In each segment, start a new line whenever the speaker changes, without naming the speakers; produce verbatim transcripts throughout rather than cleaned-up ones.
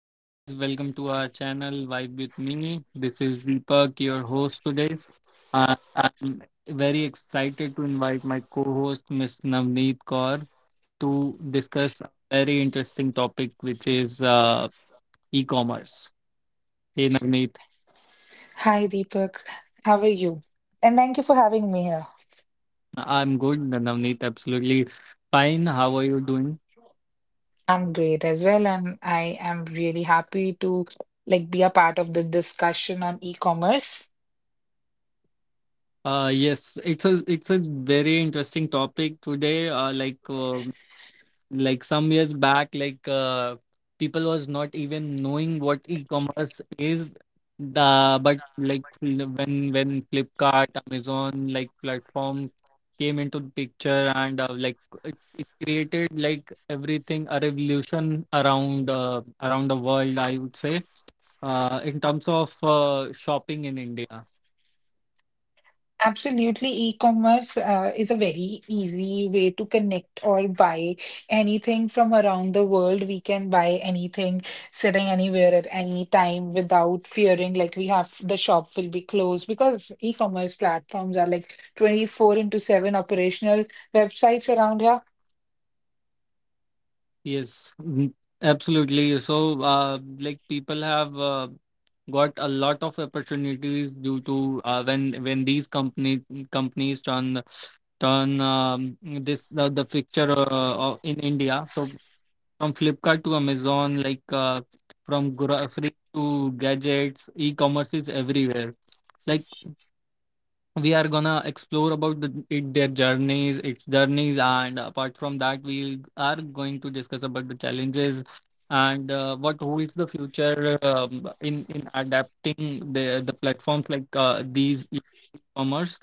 Hey guys, welcome to our channel Vibe with Me. This is Deepak, your host today. Uh, I'm very excited to invite my co-host Miss Navneet Kaur to discuss a very interesting topic, which is uh, e-commerce. Hey Navneet,
Hi, Deepak. How are you? And thank you for having me here.
I'm good. Navneet, absolutely fine. How are you doing?
I'm great as well, and I am really happy to like be a part of the discussion on e-commerce.
Uh, yes, it's a it's a very interesting topic today. Uh, like uh, like some years back like uh, people was not even knowing what e-commerce is the but like l- when when Flipkart Amazon like platform came into the picture and uh, like it, it created like everything a revolution around uh, around the world I would say uh, in terms of uh, shopping in India.
Absolutely, e-commerce uh, is a very easy way to connect or buy anything from around the world. We can buy anything sitting anywhere at any time without fearing like we have the shop will be closed because e-commerce platforms are like twenty-four into seven operational websites around here.
Yes, mm, absolutely. So, uh, like people have uh, got a lot of opportunities due to uh, when when these company companies turn turn um, this the, the picture uh, of- in India. So from Flipkart to Amazon, like uh, from grocery to gadgets, e-commerce is everywhere. Like we are gonna explore about the, it, their journeys its journeys, and apart from that we are going to discuss about the challenges and uh, what holds the future um, in in adapting the the platforms like uh, these e-commerce.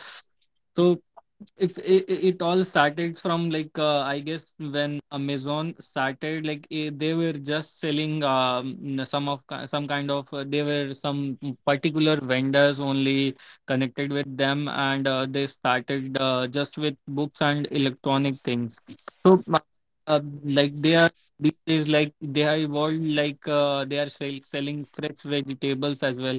So if it, it all started from like uh, I guess when Amazon started, like eh, they were just selling um, some of ki- some kind of uh, they were some particular vendors only connected with them, and uh, they started uh, just with books and electronic things. So uh, uh, like they are these days, like they are evolved, like uh, they are sell- selling fresh vegetables as well.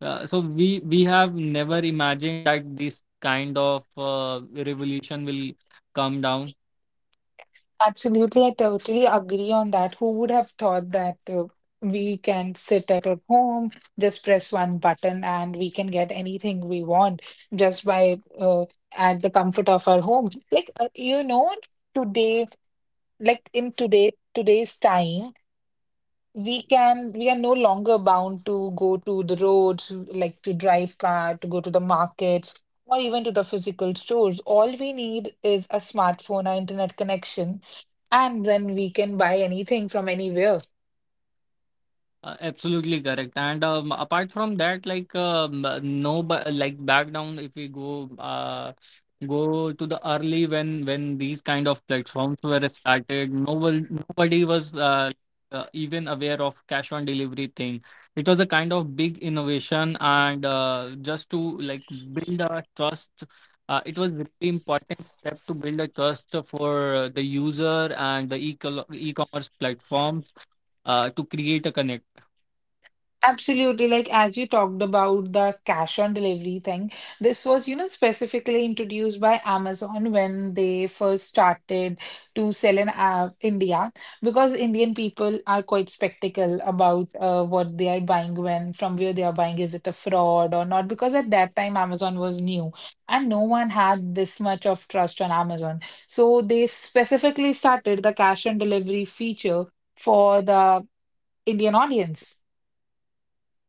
uh, So we we have never imagined that this kind of uh, revolution will come down.
Absolutely, I totally agree on that. Who would have thought that uh, we can sit at our home, just press one button, and we can get anything we want just by uh, at the comfort of our home? Like uh, you know, today, like in today today's time, we can we are no longer bound to go to the roads like to drive car to go to the markets or even to the physical stores. All we need is a smartphone or internet connection, and then we can buy anything from anywhere.
Uh, absolutely correct. And um, apart from that, like um, uh, no, ba- like back down if we go uh, go to the early when when these kind of platforms were started, no one- nobody was uh, uh, even aware of cash on delivery thing. It was a kind of big innovation, and uh, just to like build a trust. Uh, it was really important step to build a trust for the user and the e-commerce e e-commerce platforms uh, to create a connection.
Absolutely. Like, as you talked about the cash on delivery thing, this was, you know, specifically introduced by Amazon when they first started to sell in uh, India because Indian people are quite skeptical about uh, what they are buying, when, from where they are buying, is it a fraud or not? Because at that time, Amazon was new and no one had this much of trust on Amazon. So they specifically started the cash on delivery feature for the Indian audience.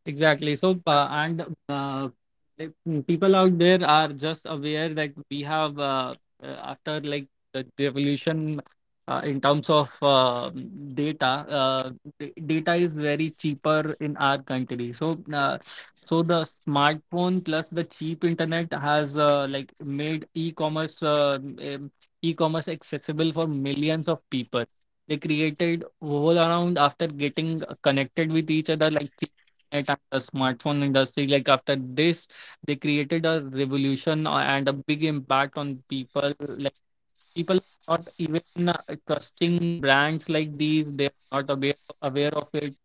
Exactly. So, uh, and uh, Like mm, people out there are just aware that we have uh, uh, after like the revolution uh, in terms of uh, mm, data, uh, d- data is very cheaper in our country. So, uh, so the smartphone plus the cheap internet has uh, like made e-commerce uh, um, e-commerce accessible for millions of people. They created whole around after getting connected with each other, like internet and the smartphone industry. Like after this they created a revolution uh, and a big impact on people. Like people are not even uh, trusting brands like these, they're not aware aware of it.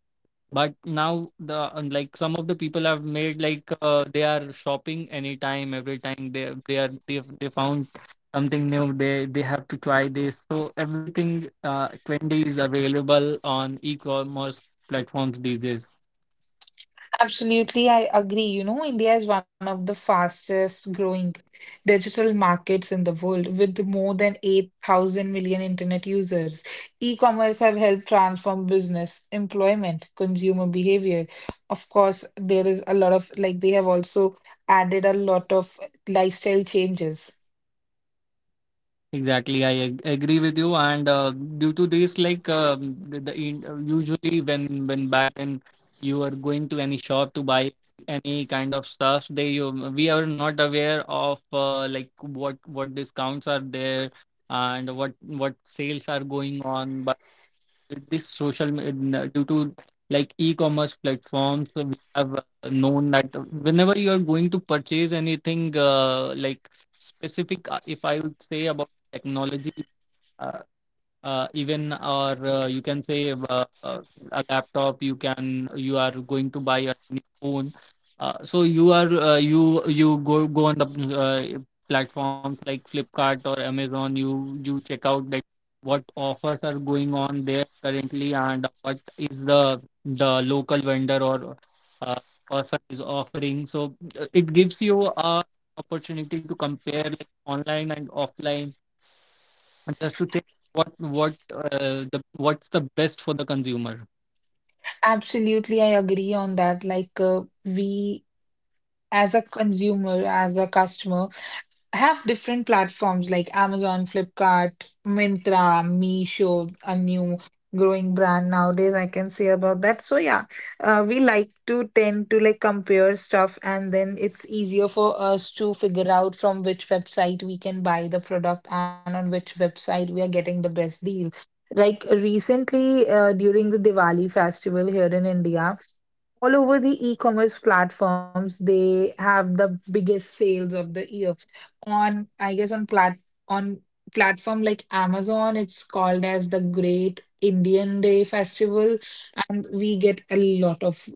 But now the and, like some of the people have made like uh, they are shopping anytime every time. They they are they, they found something new, they they have to try this. So everything uh, trendy is available on e-commerce platforms these days.
Absolutely, I agree. You know, India is one of the fastest growing digital markets in the world with more than 8,000 million internet users. E-commerce have helped transform business, employment, consumer behavior. Of course, there is a lot of like they have also added a lot of lifestyle changes.
Exactly, I ag agree with you. And uh, due to this, like um, the, the in- uh, usually when when back then you are going to any shop to buy any kind of stuff, they you we are not aware of uh, like what what discounts are there and what what sales are going on. This social med- due to like e-commerce platforms uh, we have uh, known that whenever you are going to purchase anything uh, like specific, uh, if I would say about technology, uh, uh, even or uh, you can say uh, uh, a laptop, you can, you are going to buy a new phone. Uh, so you are uh, you you go go on the uh, platforms like Flipkart or Amazon, you you check out that what offers are going on there currently and what is the the local vendor or uh, person is offering. So uh, it gives you a opportunity to compare like online and offline, just to check what what uh, the what's the best for the consumer.
Absolutely, I agree on that. Like uh, we as a consumer, as a customer, I have different platforms like Amazon, Flipkart, Myntra, Meesho, a new growing brand nowadays. I can say about that. So yeah, uh, we like to tend to like compare stuff, and then it's easier for us to figure out from which website we can buy the product and on which website we are getting the best deal. Like recently, uh, during the Diwali festival here in India, all over the e-commerce platforms, they have the biggest sales of the year on I guess on plat on platform like Amazon, it's called as the Great Indian Day Festival, and we get a lot of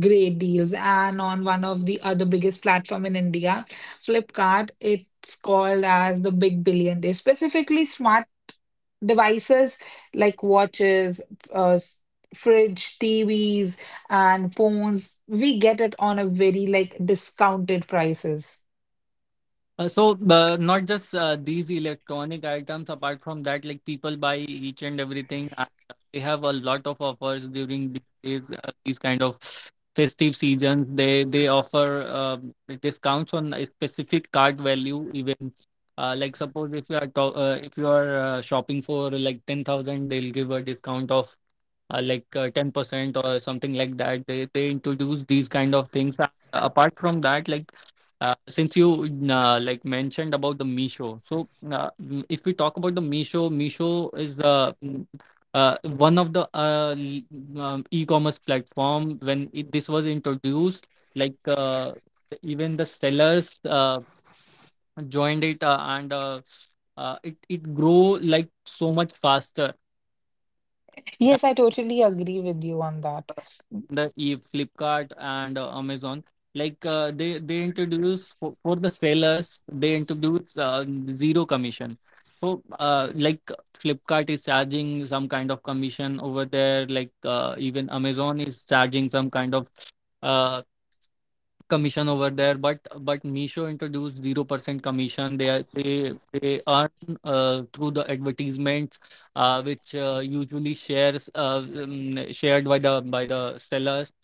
great deals. And on one of the other biggest platform in India, Flipkart, it's called as the Big Billion Day. Specifically, smart devices like watches, uh, s- fridge, T Vs, and phones, we get it on a very like discounted prices.
Uh, so uh, not just uh, these electronic items. Apart from that, like people buy each and everything, and uh, they have a lot of offers during these days, uh, these kind of festive seasons. they they offer um discounts on a specific cart value even, uh, like suppose if you are to- uh, if you are uh, shopping for like ten thousand, they'll give a discount of uh, like uh, ten percent or something like that. they they introduce these kind of things. Uh, apart from that, like uh, since you uh, like mentioned about the Meesho, so uh, mm, if we talk about the Meesho, Meesho is uh, mm, uh, one of the uh, l- um, e-commerce platform. When it, this was introduced, like uh, even the sellers uh, joined it, uh, and uh, uh, it it grow like so much faster.
Yes, I totally agree with you on that.
The e Flipkart and uh, Amazon. Like uh, they they introduce for, for the sellers, they introduce uh, zero commission. So uh, like Flipkart is charging some kind of commission over there. Like uh, even Amazon is charging some kind of uh, commission over there, but but Misho introduced zero percent commission. they are- they they earn uh, through the advertisements uh, which uh, usually shares uh, um, shared by the by the sellers,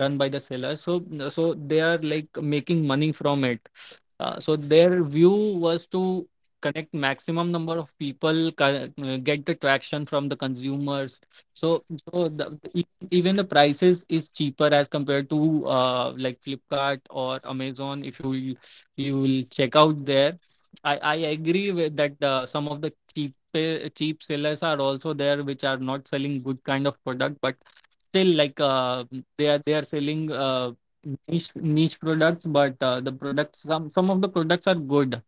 run by the sellers. So so they are like making money from it. Uh, so their view was to connect maximum number of people, co- uh, get the traction from the consumers. So so the, even the prices is cheaper as compared to uh, like Flipkart or Amazon. If you will- You will check out there, I I agree with that. Uh, some of the cheap uh, cheap sellers are also there, which are not selling good kind of product, but still like uh, they are they are selling uh, niche niche products. But uh, the products, some some of the products are good.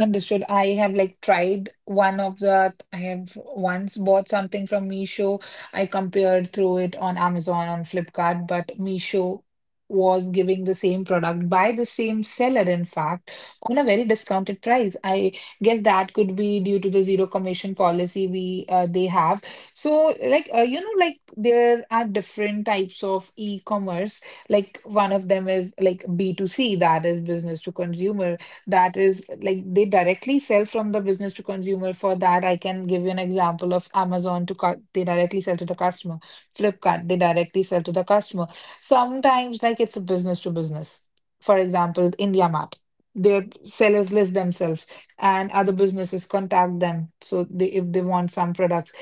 Understood. I have like tried one of the, I have once bought something from Meesho. I compared through it on Amazon, on Flipkart, but Meesho was giving the same product by the same seller, in fact, on a very discounted price. I guess that could be due to the zero commission policy we uh, they have. So, like uh, you know, like there are different types of e-commerce. Like one of them is like B two C, that is business to consumer, that is like they directly sell from the business to consumer. For that, I can give you an example of Amazon to cu- They directly sell to the customer. Flipkart, they directly sell to the customer. Sometimes like it's a business to business. For example, IndiaMart. Their sellers list themselves and other businesses contact them. So they, if they want some product,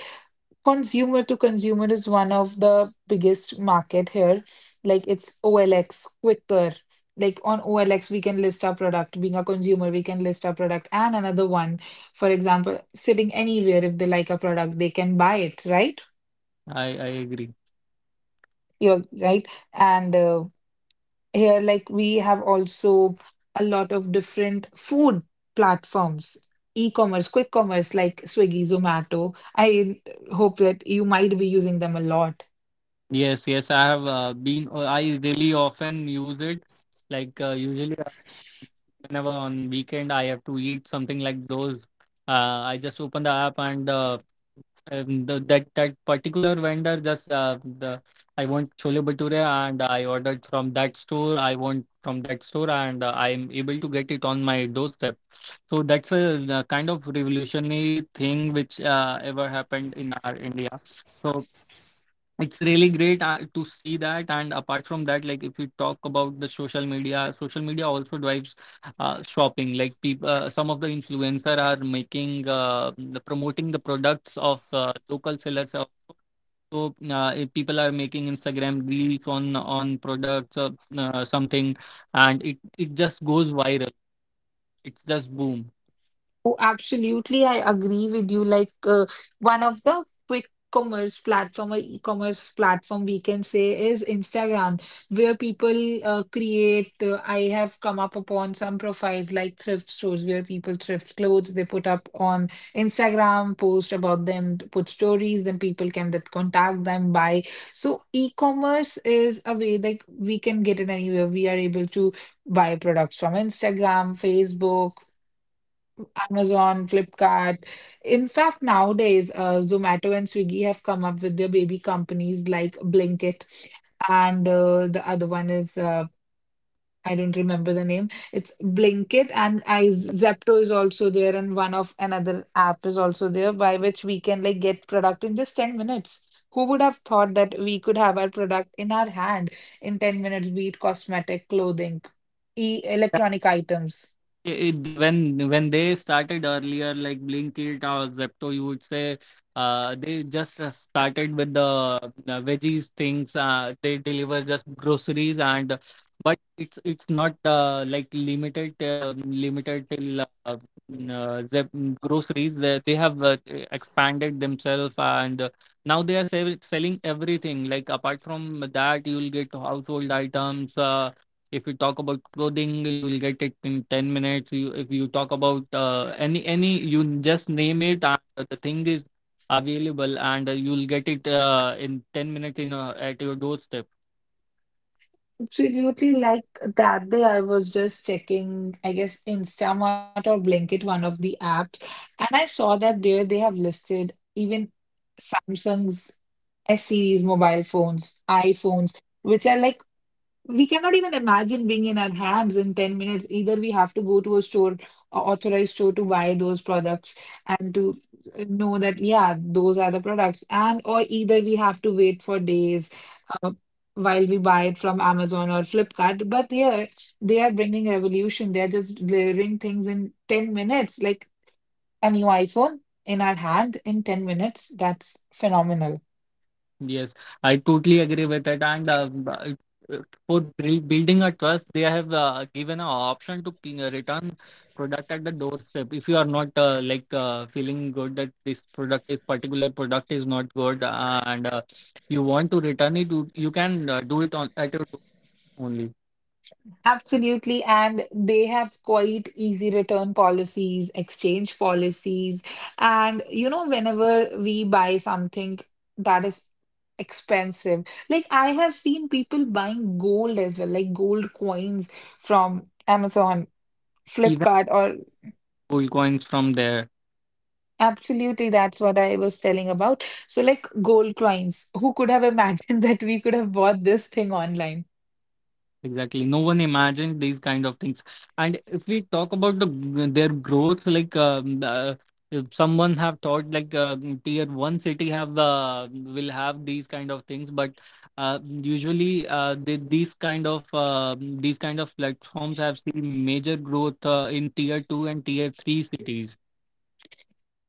consumer to consumer is one of the biggest market here. Like it's O L X, quicker. Like on O L X, we can list our product. Being a consumer, we can list our product and another one. For example, sitting anywhere, if they like a product, they can buy it, right?
I I agree.
You're right. And uh, here, like we have also a lot of different food platforms, e-commerce, quick commerce like Swiggy, Zomato. I hope that you might be using them a lot.
Yes, yes, I have uh, been. uh, I really often use it. Like uh, usually whenever on weekend I have to eat something like those, uh, I just open the app and uh, um, the, that that particular vendor, just uh, the I want chole bhature and I ordered from that store. I want from that store and uh, I'm able to get it on my doorstep. So that's a, uh kind of revolutionary thing which uh, ever happened in our India. So it's really great uh, to see that. And apart from that, like if you talk about the social media, social media also drives uh, shopping. Like people, uh, some of the influencer are making uh, the- promoting the products of uh, local sellers. Also. So uh, if people are making Instagram reels on on products or uh, something, and it it just goes viral. It's just boom.
Oh, absolutely. I agree with you. Like uh, one of the quick commerce platform or e-commerce platform we can say is Instagram, where people uh, create. Uh, I have come up upon some profiles like thrift stores where people thrift clothes. They put up on Instagram, post about them, put stories. Then people can that contact them, buy. So e-commerce is a way that we can get it anywhere. We are able to buy products from Instagram, Facebook, Amazon, Flipkart. In fact, nowadays, uh, Zomato and Swiggy have come up with their baby companies like Blinkit, and uh, the other one is uh, I don't remember the name. It's Blinkit, and I Zepto is also there, and one of another app is also there by which we can like get product in just ten minutes. Who would have thought that we could have our product in our hand in ten minutes, be it cosmetic, clothing, e electronic items?
it, they, when when they started earlier, like Blinkit or Zepto, you would say uh, they just uh, started with the, the veggies things. Uh, they deliver just groceries and, but it's it's not uh, like limited uh, limited till uh, mm, uh, Zep groceries. They they have uh, expanded themselves, and uh, now they are sell selling everything. Like apart from that, you'll get household items. Uh, if you talk about clothing, you will get it in ten minutes. You, if you talk about uh, any any you just name it, and the thing is available, and uh, you'll get it uh, in ten minutes in uh, at your doorstep.
Absolutely, like that day I was just checking, I guess Instamart or Blinkit, one of the apps, and I saw that there they have listed even Samsung's S series mobile phones, iPhones, which are like we cannot even imagine being in our hands in ten minutes. Either we have to go to a store, a authorized store to buy those products and to know that, yeah, those are the products. And or either we have to wait for days uh, while we buy it from Amazon or Flipkart. But here they are bringing revolution. They are just delivering things in ten minutes, like a new iPhone in our hand in ten minutes. That's phenomenal.
Yes, I totally agree with it. And uh, b- uh, for buil- building a trust, they have uh, given an option to ping, uh, return product at the doorstep. If you are not uh, like uh, feeling good that this product is particular product is not good, uh, and uh, you want to return it, you, you can uh, do it on at your door only.
Absolutely. And they have quite easy return policies, exchange policies. And, you know, whenever we buy something that is expensive, like I have seen people buying gold as well, like gold coins from Amazon,
Even
Flipkart, or
gold coins from there.
absolutely that's what I was telling about. So, like gold coins, who could have imagined that we could have bought this thing online?
Exactly. No one imagined these kind of things. And if we talk about the g- their growth, like um, uh, if someone have thought like uh, mm, tier one city have uh, will have these kind of things, but uh, usually uh, they, these kind of uh, mm, these kind of platforms have seen major growth uh, in tier two and tier three cities.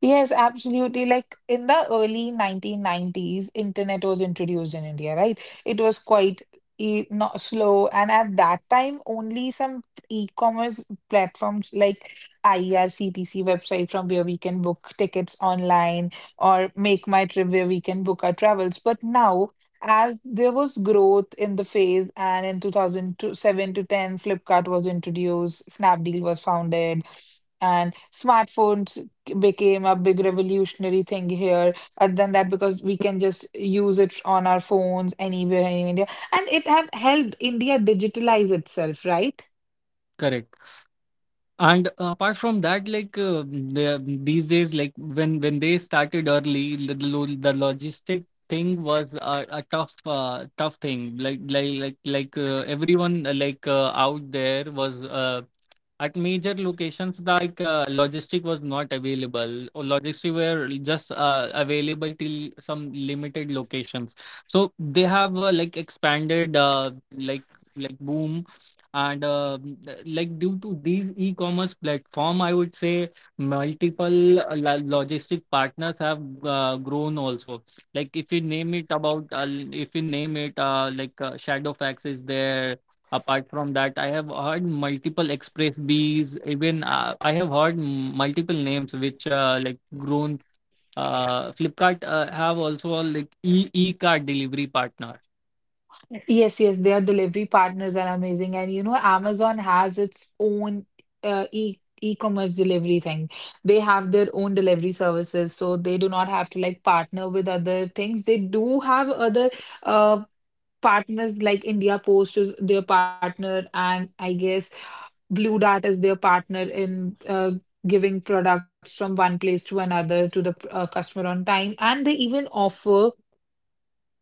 Yes, absolutely. Like in the early nineteen nineties, internet was introduced in India, right? It was quite e not slow, and at that time, only some e-commerce platforms like I R C T C website from where we can book tickets online or Make My Trip where we can book our travels. But now, as there was growth in the phase, and in two thousand seven to ten, Flipkart was introduced, Snapdeal was founded, and smartphones became a big revolutionary thing here other than that, because we can just use it on our phones anywhere in India, and it have helped India digitalize itself, right?
Correct. And apart from that, like uh, the, these days, like when when they started early, the, the lo- the logistic thing was a, a tough uh, tough thing. Like like like like uh, everyone uh, like uh, out there was uh, at major locations. Like uh, logistic was not available, or logistic were just uh, available till some limited locations. So they have uh, like expanded uh, like like boom. And uh, Like due to these e-commerce platform, I would say multiple uh, lo- logistic partners have uh, grown also. Like if you name it about uh, if you name it uh, like uh, Shadowfax is there. Apart from that, I have heard multiple express bees. Even uh, I have heard m- multiple names which uh, like grown. Uh, Flipkart uh, have also a, like e e card delivery partner.
Yes, yes, their delivery partners are amazing, and you know Amazon has its own uh, e e-commerce delivery thing. They have their own delivery services, so they do not have to like partner with other things. They do have other uh partners like India Post is their partner, and I guess Blue Dart is their partner in uh, giving products from one place to another to the uh, customer on time. And they even offer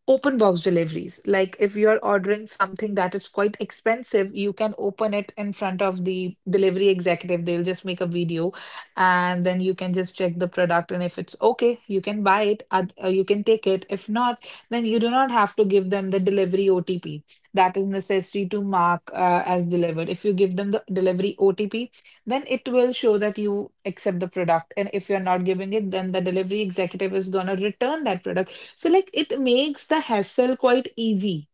open box deliveries. Like if you're ordering something that is quite expensive, you can open it in front of the delivery executive. They'll just make a video and then you can just check the product. And if it's okay, you can buy it, oth- uh, you can take it. If not, then you do not have to give them the delivery O T P. That is necessary to mark uh, as delivered. If you give them the delivery O T P, then it will show that you accept the product. And if you're not giving it, then the delivery executive is going to return that product. So, like, it makes the hassle quite easy.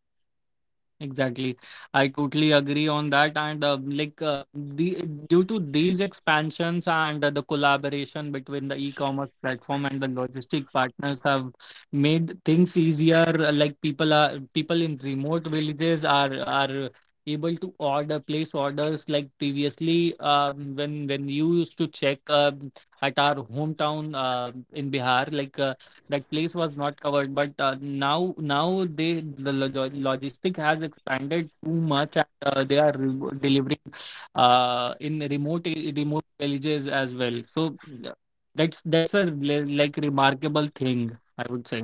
Exactly. I totally agree on that. And uh, like uh, the due to these expansions and uh, the collaboration between the e-commerce platform and the logistic partners have made things easier. uh, Like people are people in remote villages are are able to order place orders. Like previously, um, when when you used to check uh, at our hometown uh, in Bihar, like uh, that place was not covered, but uh, now now they, the lo- logistic has expanded too much and uh, they are re- delivering uh, in remote a- remote villages as well. So uh, that's that's a le- like remarkable thing, I would say.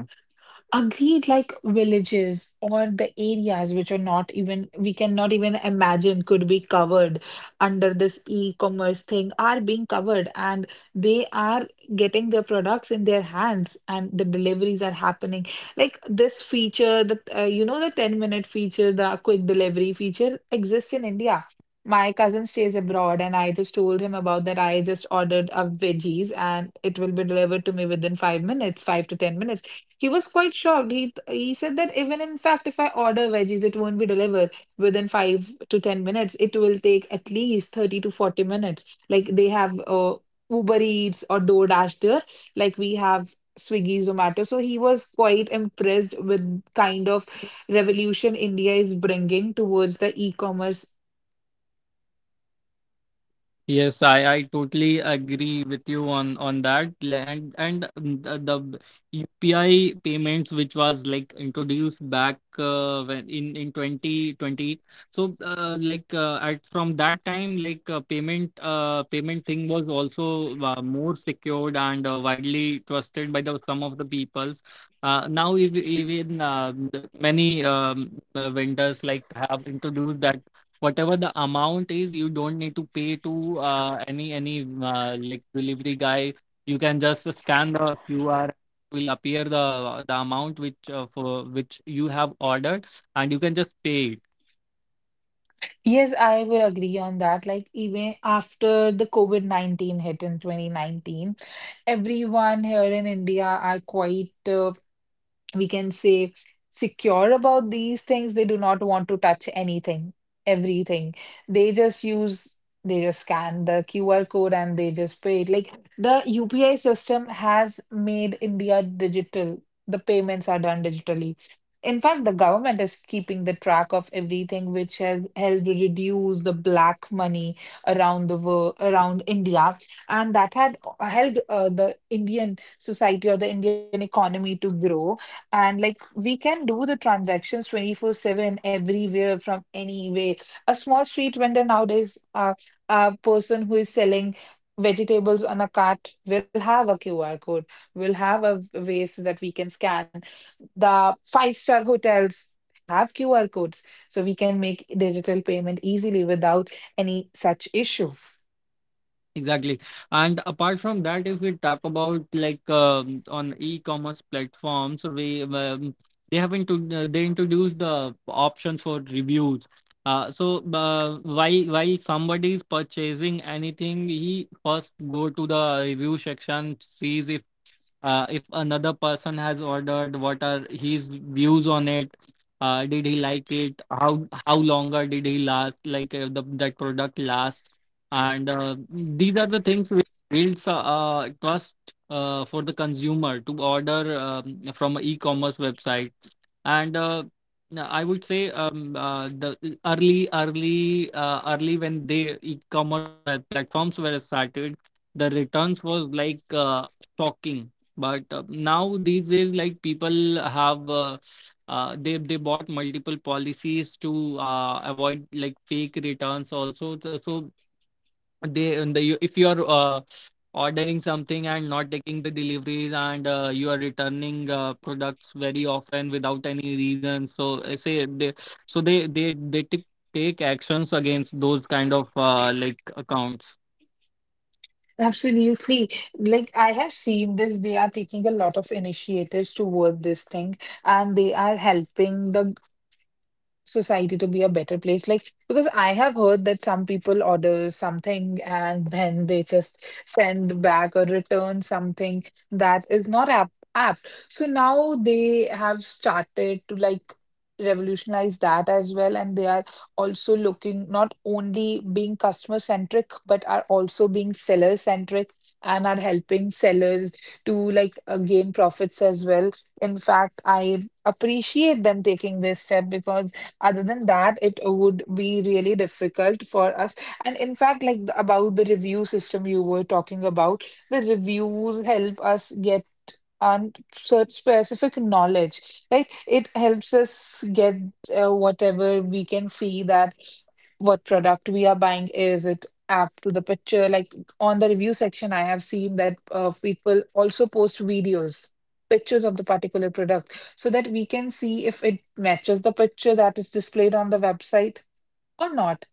Agreed, like villages or the areas which are not even, we cannot even imagine could be covered under this e-commerce thing are being covered, and they are getting their products in their hands and the deliveries are happening. Like this feature, the uh, you know, the ten minute feature, the quick delivery feature exists in India. My cousin stays abroad and I just told him about that. I just ordered a veggies and it will be delivered to me within five minutes, five to ten minutes. He was quite shocked. He he said that even in fact, if I order veggies, it won't be delivered within five to ten minutes. It will take at least thirty to forty minutes. Like they have uh, Uber Eats or DoorDash there, like we have Swiggy, Zomato. So he was quite impressed with kind of revolution India is bringing towards the e-commerce.
Yes, I, I totally agree with you on on that. L- And and um, the, the U P I payments, which was like introduced back uh, when in in twenty twenty. So uh, like uh, at from that time, like uh, payment, uh, payment thing was also uh, more secured and uh, widely trusted by the some of the peoples. Uh, now ev- even uh, m- many um, uh, vendors like have introduced that whatever the amount is, you don't need to pay to uh, any any uh, like delivery guy. You can just scan the qr, will appear the the amount which uh, for which you have ordered, and you can just pay it.
Yes, I will agree on that. Like, even after the COVID nineteen hit in twenty nineteen, everyone here in India are quite uh, we can say secure about these things. They do not want to touch anything, everything they just use. They just scan the QR code and they just pay it. Like, the UPI system has made India digital, the payments are done digitally. In fact, the government is keeping the track of everything, which has helped reduce the black money around the world, around India. And that had uh, helped uh, the Indian society or the Indian economy to grow. And like, we can do the transactions twenty four seven everywhere, from anywhere. A small street vendor nowadays, uh, a person who is selling vegetables on a cart will have a Q R code, will have a way so that we can scan. The five-star hotels have Q R codes, so we can make digital payment easily without any such issue.
Exactly. And apart from that, if we talk about like um, on e-commerce platforms, we um, they have introduced uh, they introduced the option for reviews. Uh, so uh, while while somebody is purchasing anything, he first go to the review section, sees if uh, if another person has ordered, what are his views on it, uh, did he like it, how how longer did he last, like uh, the, that product last. And uh, these are the things which builds uh, uh, trust uh, for the consumer to order um, from an e-commerce website. And uh, no, I would say, um, uh, the early early uh, early when they e-commerce fa- platforms were started, the returns was like uh, shocking. But uh, now these days, like people have uh, uh, they they bought multiple policies to uh, avoid like fake returns also. So so they and the, if you are uh, ordering something and not taking the deliveries, and uh, you are returning uh, products very often without any reason, so I say they, so they they they t- take actions against those kind of uh, like accounts.
Absolutely. Like, I have seen this, they are taking a lot of initiatives toward this thing and they are helping the society to be a better place, like because I have heard that some people order something and then they just send back or return something that is not app apt. So now they have started to like revolutionize that as well, and they are also looking, not only being customer centric, but are also being seller centric and are helping sellers to like uh, gain profits as well. In fact, I appreciate them taking this step, because other than that, it would be really difficult for us. And in fact, like the- about the review system you were talking about, the reviews help us get on such specific knowledge, right? It helps us get uh, whatever, we can see that what product we are buying. Is it apt to the picture? Like on the review section, I have seen that uh, people also post videos, pictures of the particular product, so that we can see if it matches the picture that is displayed on the website or not.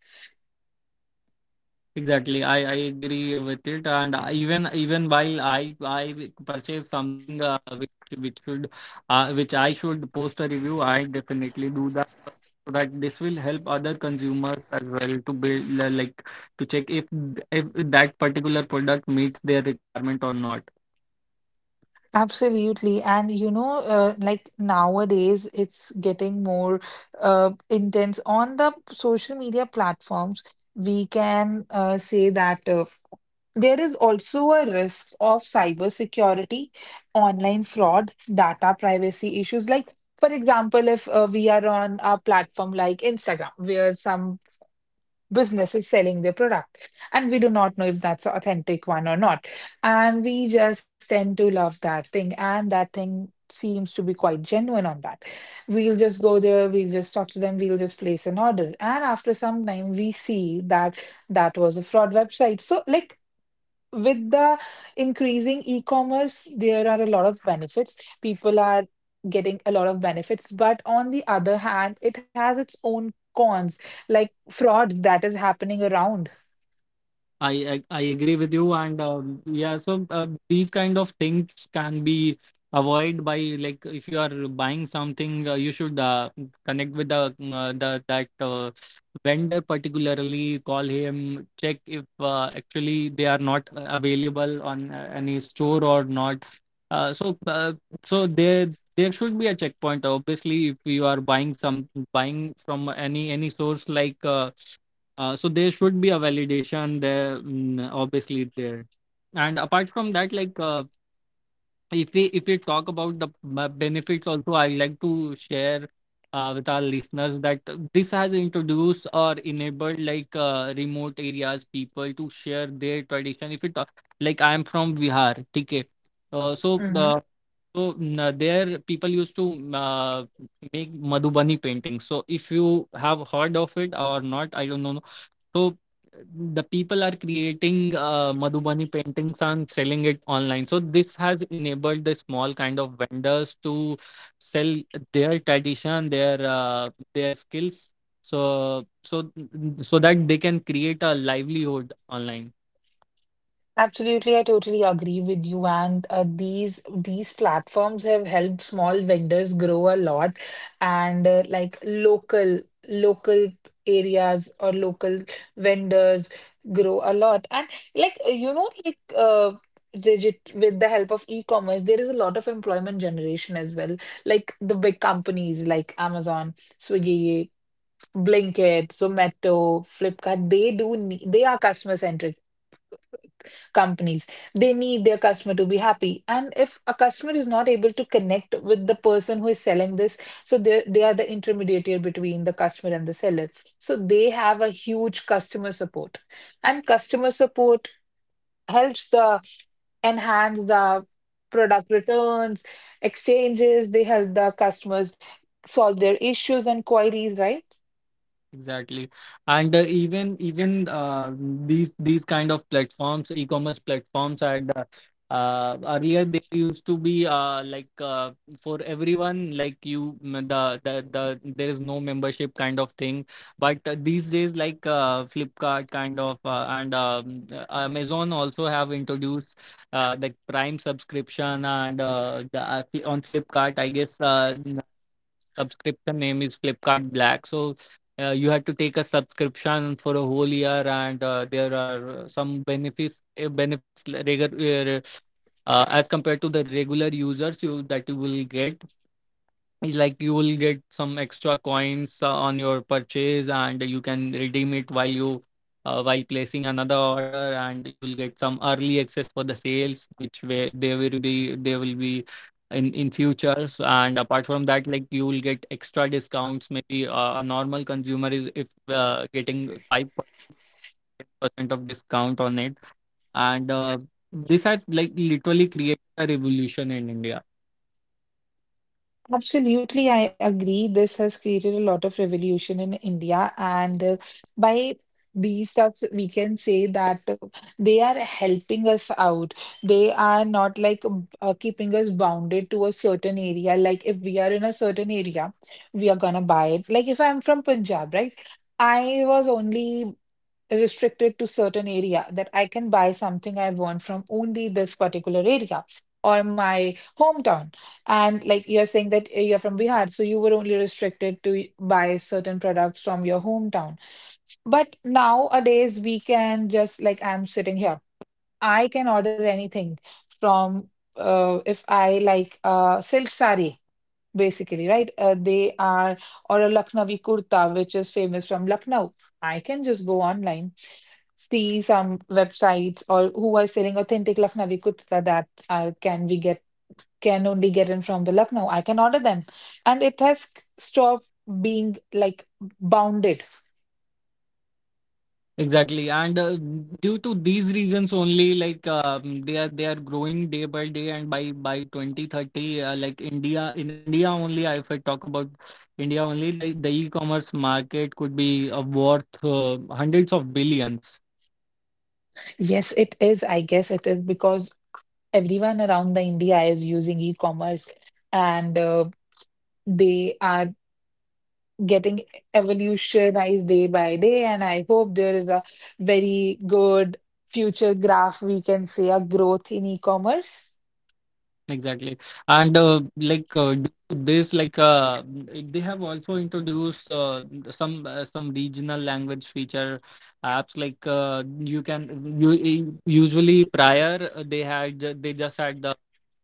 Exactly, i i agree with it. And I, even even while i i purchase something uh, which which should, uh, which I should post a review, I definitely do that, so that this will help other consumers as well to build, like, to check if if that particular product meets their requirement or not.
Absolutely. And you know, uh, like nowadays, it's getting more uh, intense on the social media platforms. We can uh, say that. Uh, There is also a risk of cybersecurity, online fraud, data privacy issues. Like, for example, if uh, we are on a platform like Instagram, where some business is selling their product, and we do not know if that's an authentic one or not. And we just tend to love that thing, and that thing seems to be quite genuine on that. We'll just go there, we'll just talk to them, we'll just place an order. And after some time, we see that that was a fraud website. So, like, with the increasing e-commerce, there are a lot of benefits. People are getting a lot of benefits, but on the other hand, it has its own cons, like fraud that is happening around.
I, I I agree with you. And um, yeah, so uh, these kind of things can be avoid by, like, if you are buying something, uh, you should uh, connect with the uh, the that uh, vendor particularly. Call him, check if uh, actually they are not uh, available on uh, any store or not. Uh, so uh, so there there should be a checkpoint. Obviously, if you are buying some, buying from any any source like. Uh, uh, so there should be a validation there, mm, obviously, there. And apart from that, like uh, if we if we talk about the b- benefits also, I like to share uh, with our listeners that this has introduced or enabled like uh, remote areas people to share their tradition. If you talk, like, I am from vihar, okay. uh, so
Mm-hmm.
uh, so mm, uh, there people used to, mm, uh, make madhubani paintings. So if you have heard of it or not, I don't know. So the people are creating uh, Madhubani paintings and selling it online. So this has enabled the small kind of vendors to sell their tradition, their uh, their skills, So so so that they can create a livelihood online.
Absolutely, I totally agree with you. And uh, these these platforms have helped small vendors grow a lot, and uh, like local local areas or local vendors grow a lot. And like uh, you know, like uh, Digit, with the help of e-commerce, there is a lot of employment generation as well. Like the big companies like Amazon, Swiggy, Blinkit, Zomato, Flipkart, they do ne- they are customer centric companies. They need their customer to be happy, and if a customer is not able to connect with the person who is selling this, so they they are the intermediary between the customer and the seller. So they have a huge customer support, and customer support helps the enhance the product returns, exchanges. They help the customers solve their issues and queries, right?
Exactly. And uh, even even uh, these these kind of platforms, e-commerce platforms had uh, uh, earlier, they used to be uh, like uh, for everyone, like you, mm, the, the the there is no membership kind of thing. But uh, these days, like uh, Flipkart kind of uh, and um, uh, Amazon also have introduced uh, the Prime subscription. And uh, the, uh, on Flipkart, I guess uh, subscription name is Flipkart Black. So uh, you had to take a subscription for a whole year, and uh, there are uh, some benefits, uh, benefits regu- uh, uh, as compared to the regular users, you that you will get. Like you will get some extra coins uh, on your purchase and you can redeem it while you, uh, while placing another order, and you'll get some early access for the sales, which way they will be they will be in in futures. And apart from that, like, you will get extra discounts, maybe uh, a normal consumer is, if uh, getting five percent of discount on it. And uh, this has like literally created a revolution in india.
Absolutely, I agree. This has created a lot of revolution in India, and uh, by these stuffs, we can say that uh, they are helping us out. They are not like um, uh, keeping us bounded to a certain area. Like if we are in a certain area, we are gonna buy it. Like if I'm from Punjab, right? I was only restricted to certain area, that I can buy something I want from only this particular area or my hometown. And like you're saying that uh, you're from Bihar, so you were only restricted to y- buy certain products from your hometown. But nowadays, we can just, like, I'm sitting here, I can order anything from uh, if I like uh, silk sari, basically, right? Uh, they are, or a Lucknowi kurta, which is famous from Lucknow. I can just go online, see some websites or who are selling authentic Lucknowi kurta, that uh, can we get can only get in from the Lucknow. I can order them. And it has stopped being like bounded.
Exactly, and uh, due to these reasons only, like um, they are, they are growing day by day, and by by twenty thirty, uh, like India in India only, if I talk about India only, the the e-commerce market could be uh, worth uh, hundreds of billions.
Yes, it is. I guess it is, because everyone around the India is using e-commerce, and uh, they are getting evolutionized day by day. And I hope there is a very good future graph, we can say a growth in e-commerce.
Exactly. And uh, like uh, do this, like uh, they have also introduced uh, some uh, some regional language feature apps. Like uh, you can you, e, usually prior, uh, they had ju- they just had the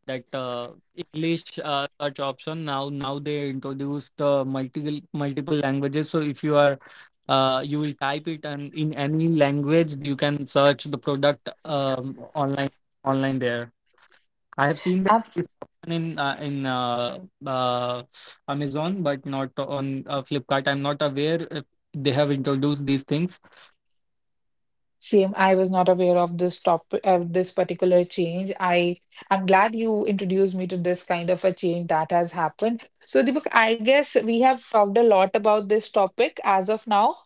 that uh, English uh, search option. Now now they introduced uh, multiple multiple languages, so if you are uh, you will type it, and in any language you can search the product um, online, online there I have seen that this option in uh, in uh, uh, Amazon, but not on uh, Flipkart. I'm not aware if they have introduced these things.
Same, I was not aware of this topic, of this particular change. I I'm glad you introduced me to this kind of a change that has happened. So Deepak, I guess we have talked a lot about this topic as of now.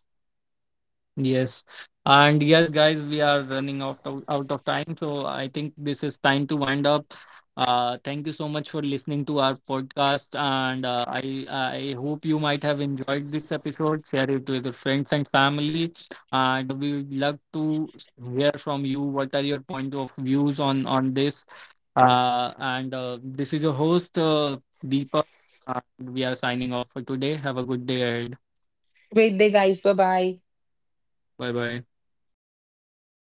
Yes. And yes, guys, we are running out of, out of time. So I think this is time to wind up. Uh, thank you so much for listening to our podcast. And uh, I, I hope you might have enjoyed this episode. Share it with your friends and family. And we would love to hear from you. What are your point of views on, on this? Uh, and uh, This is your host, uh, Deepak. And we are signing off for today. Have a good day ahead.
Great day, guys. Bye bye.
Bye bye.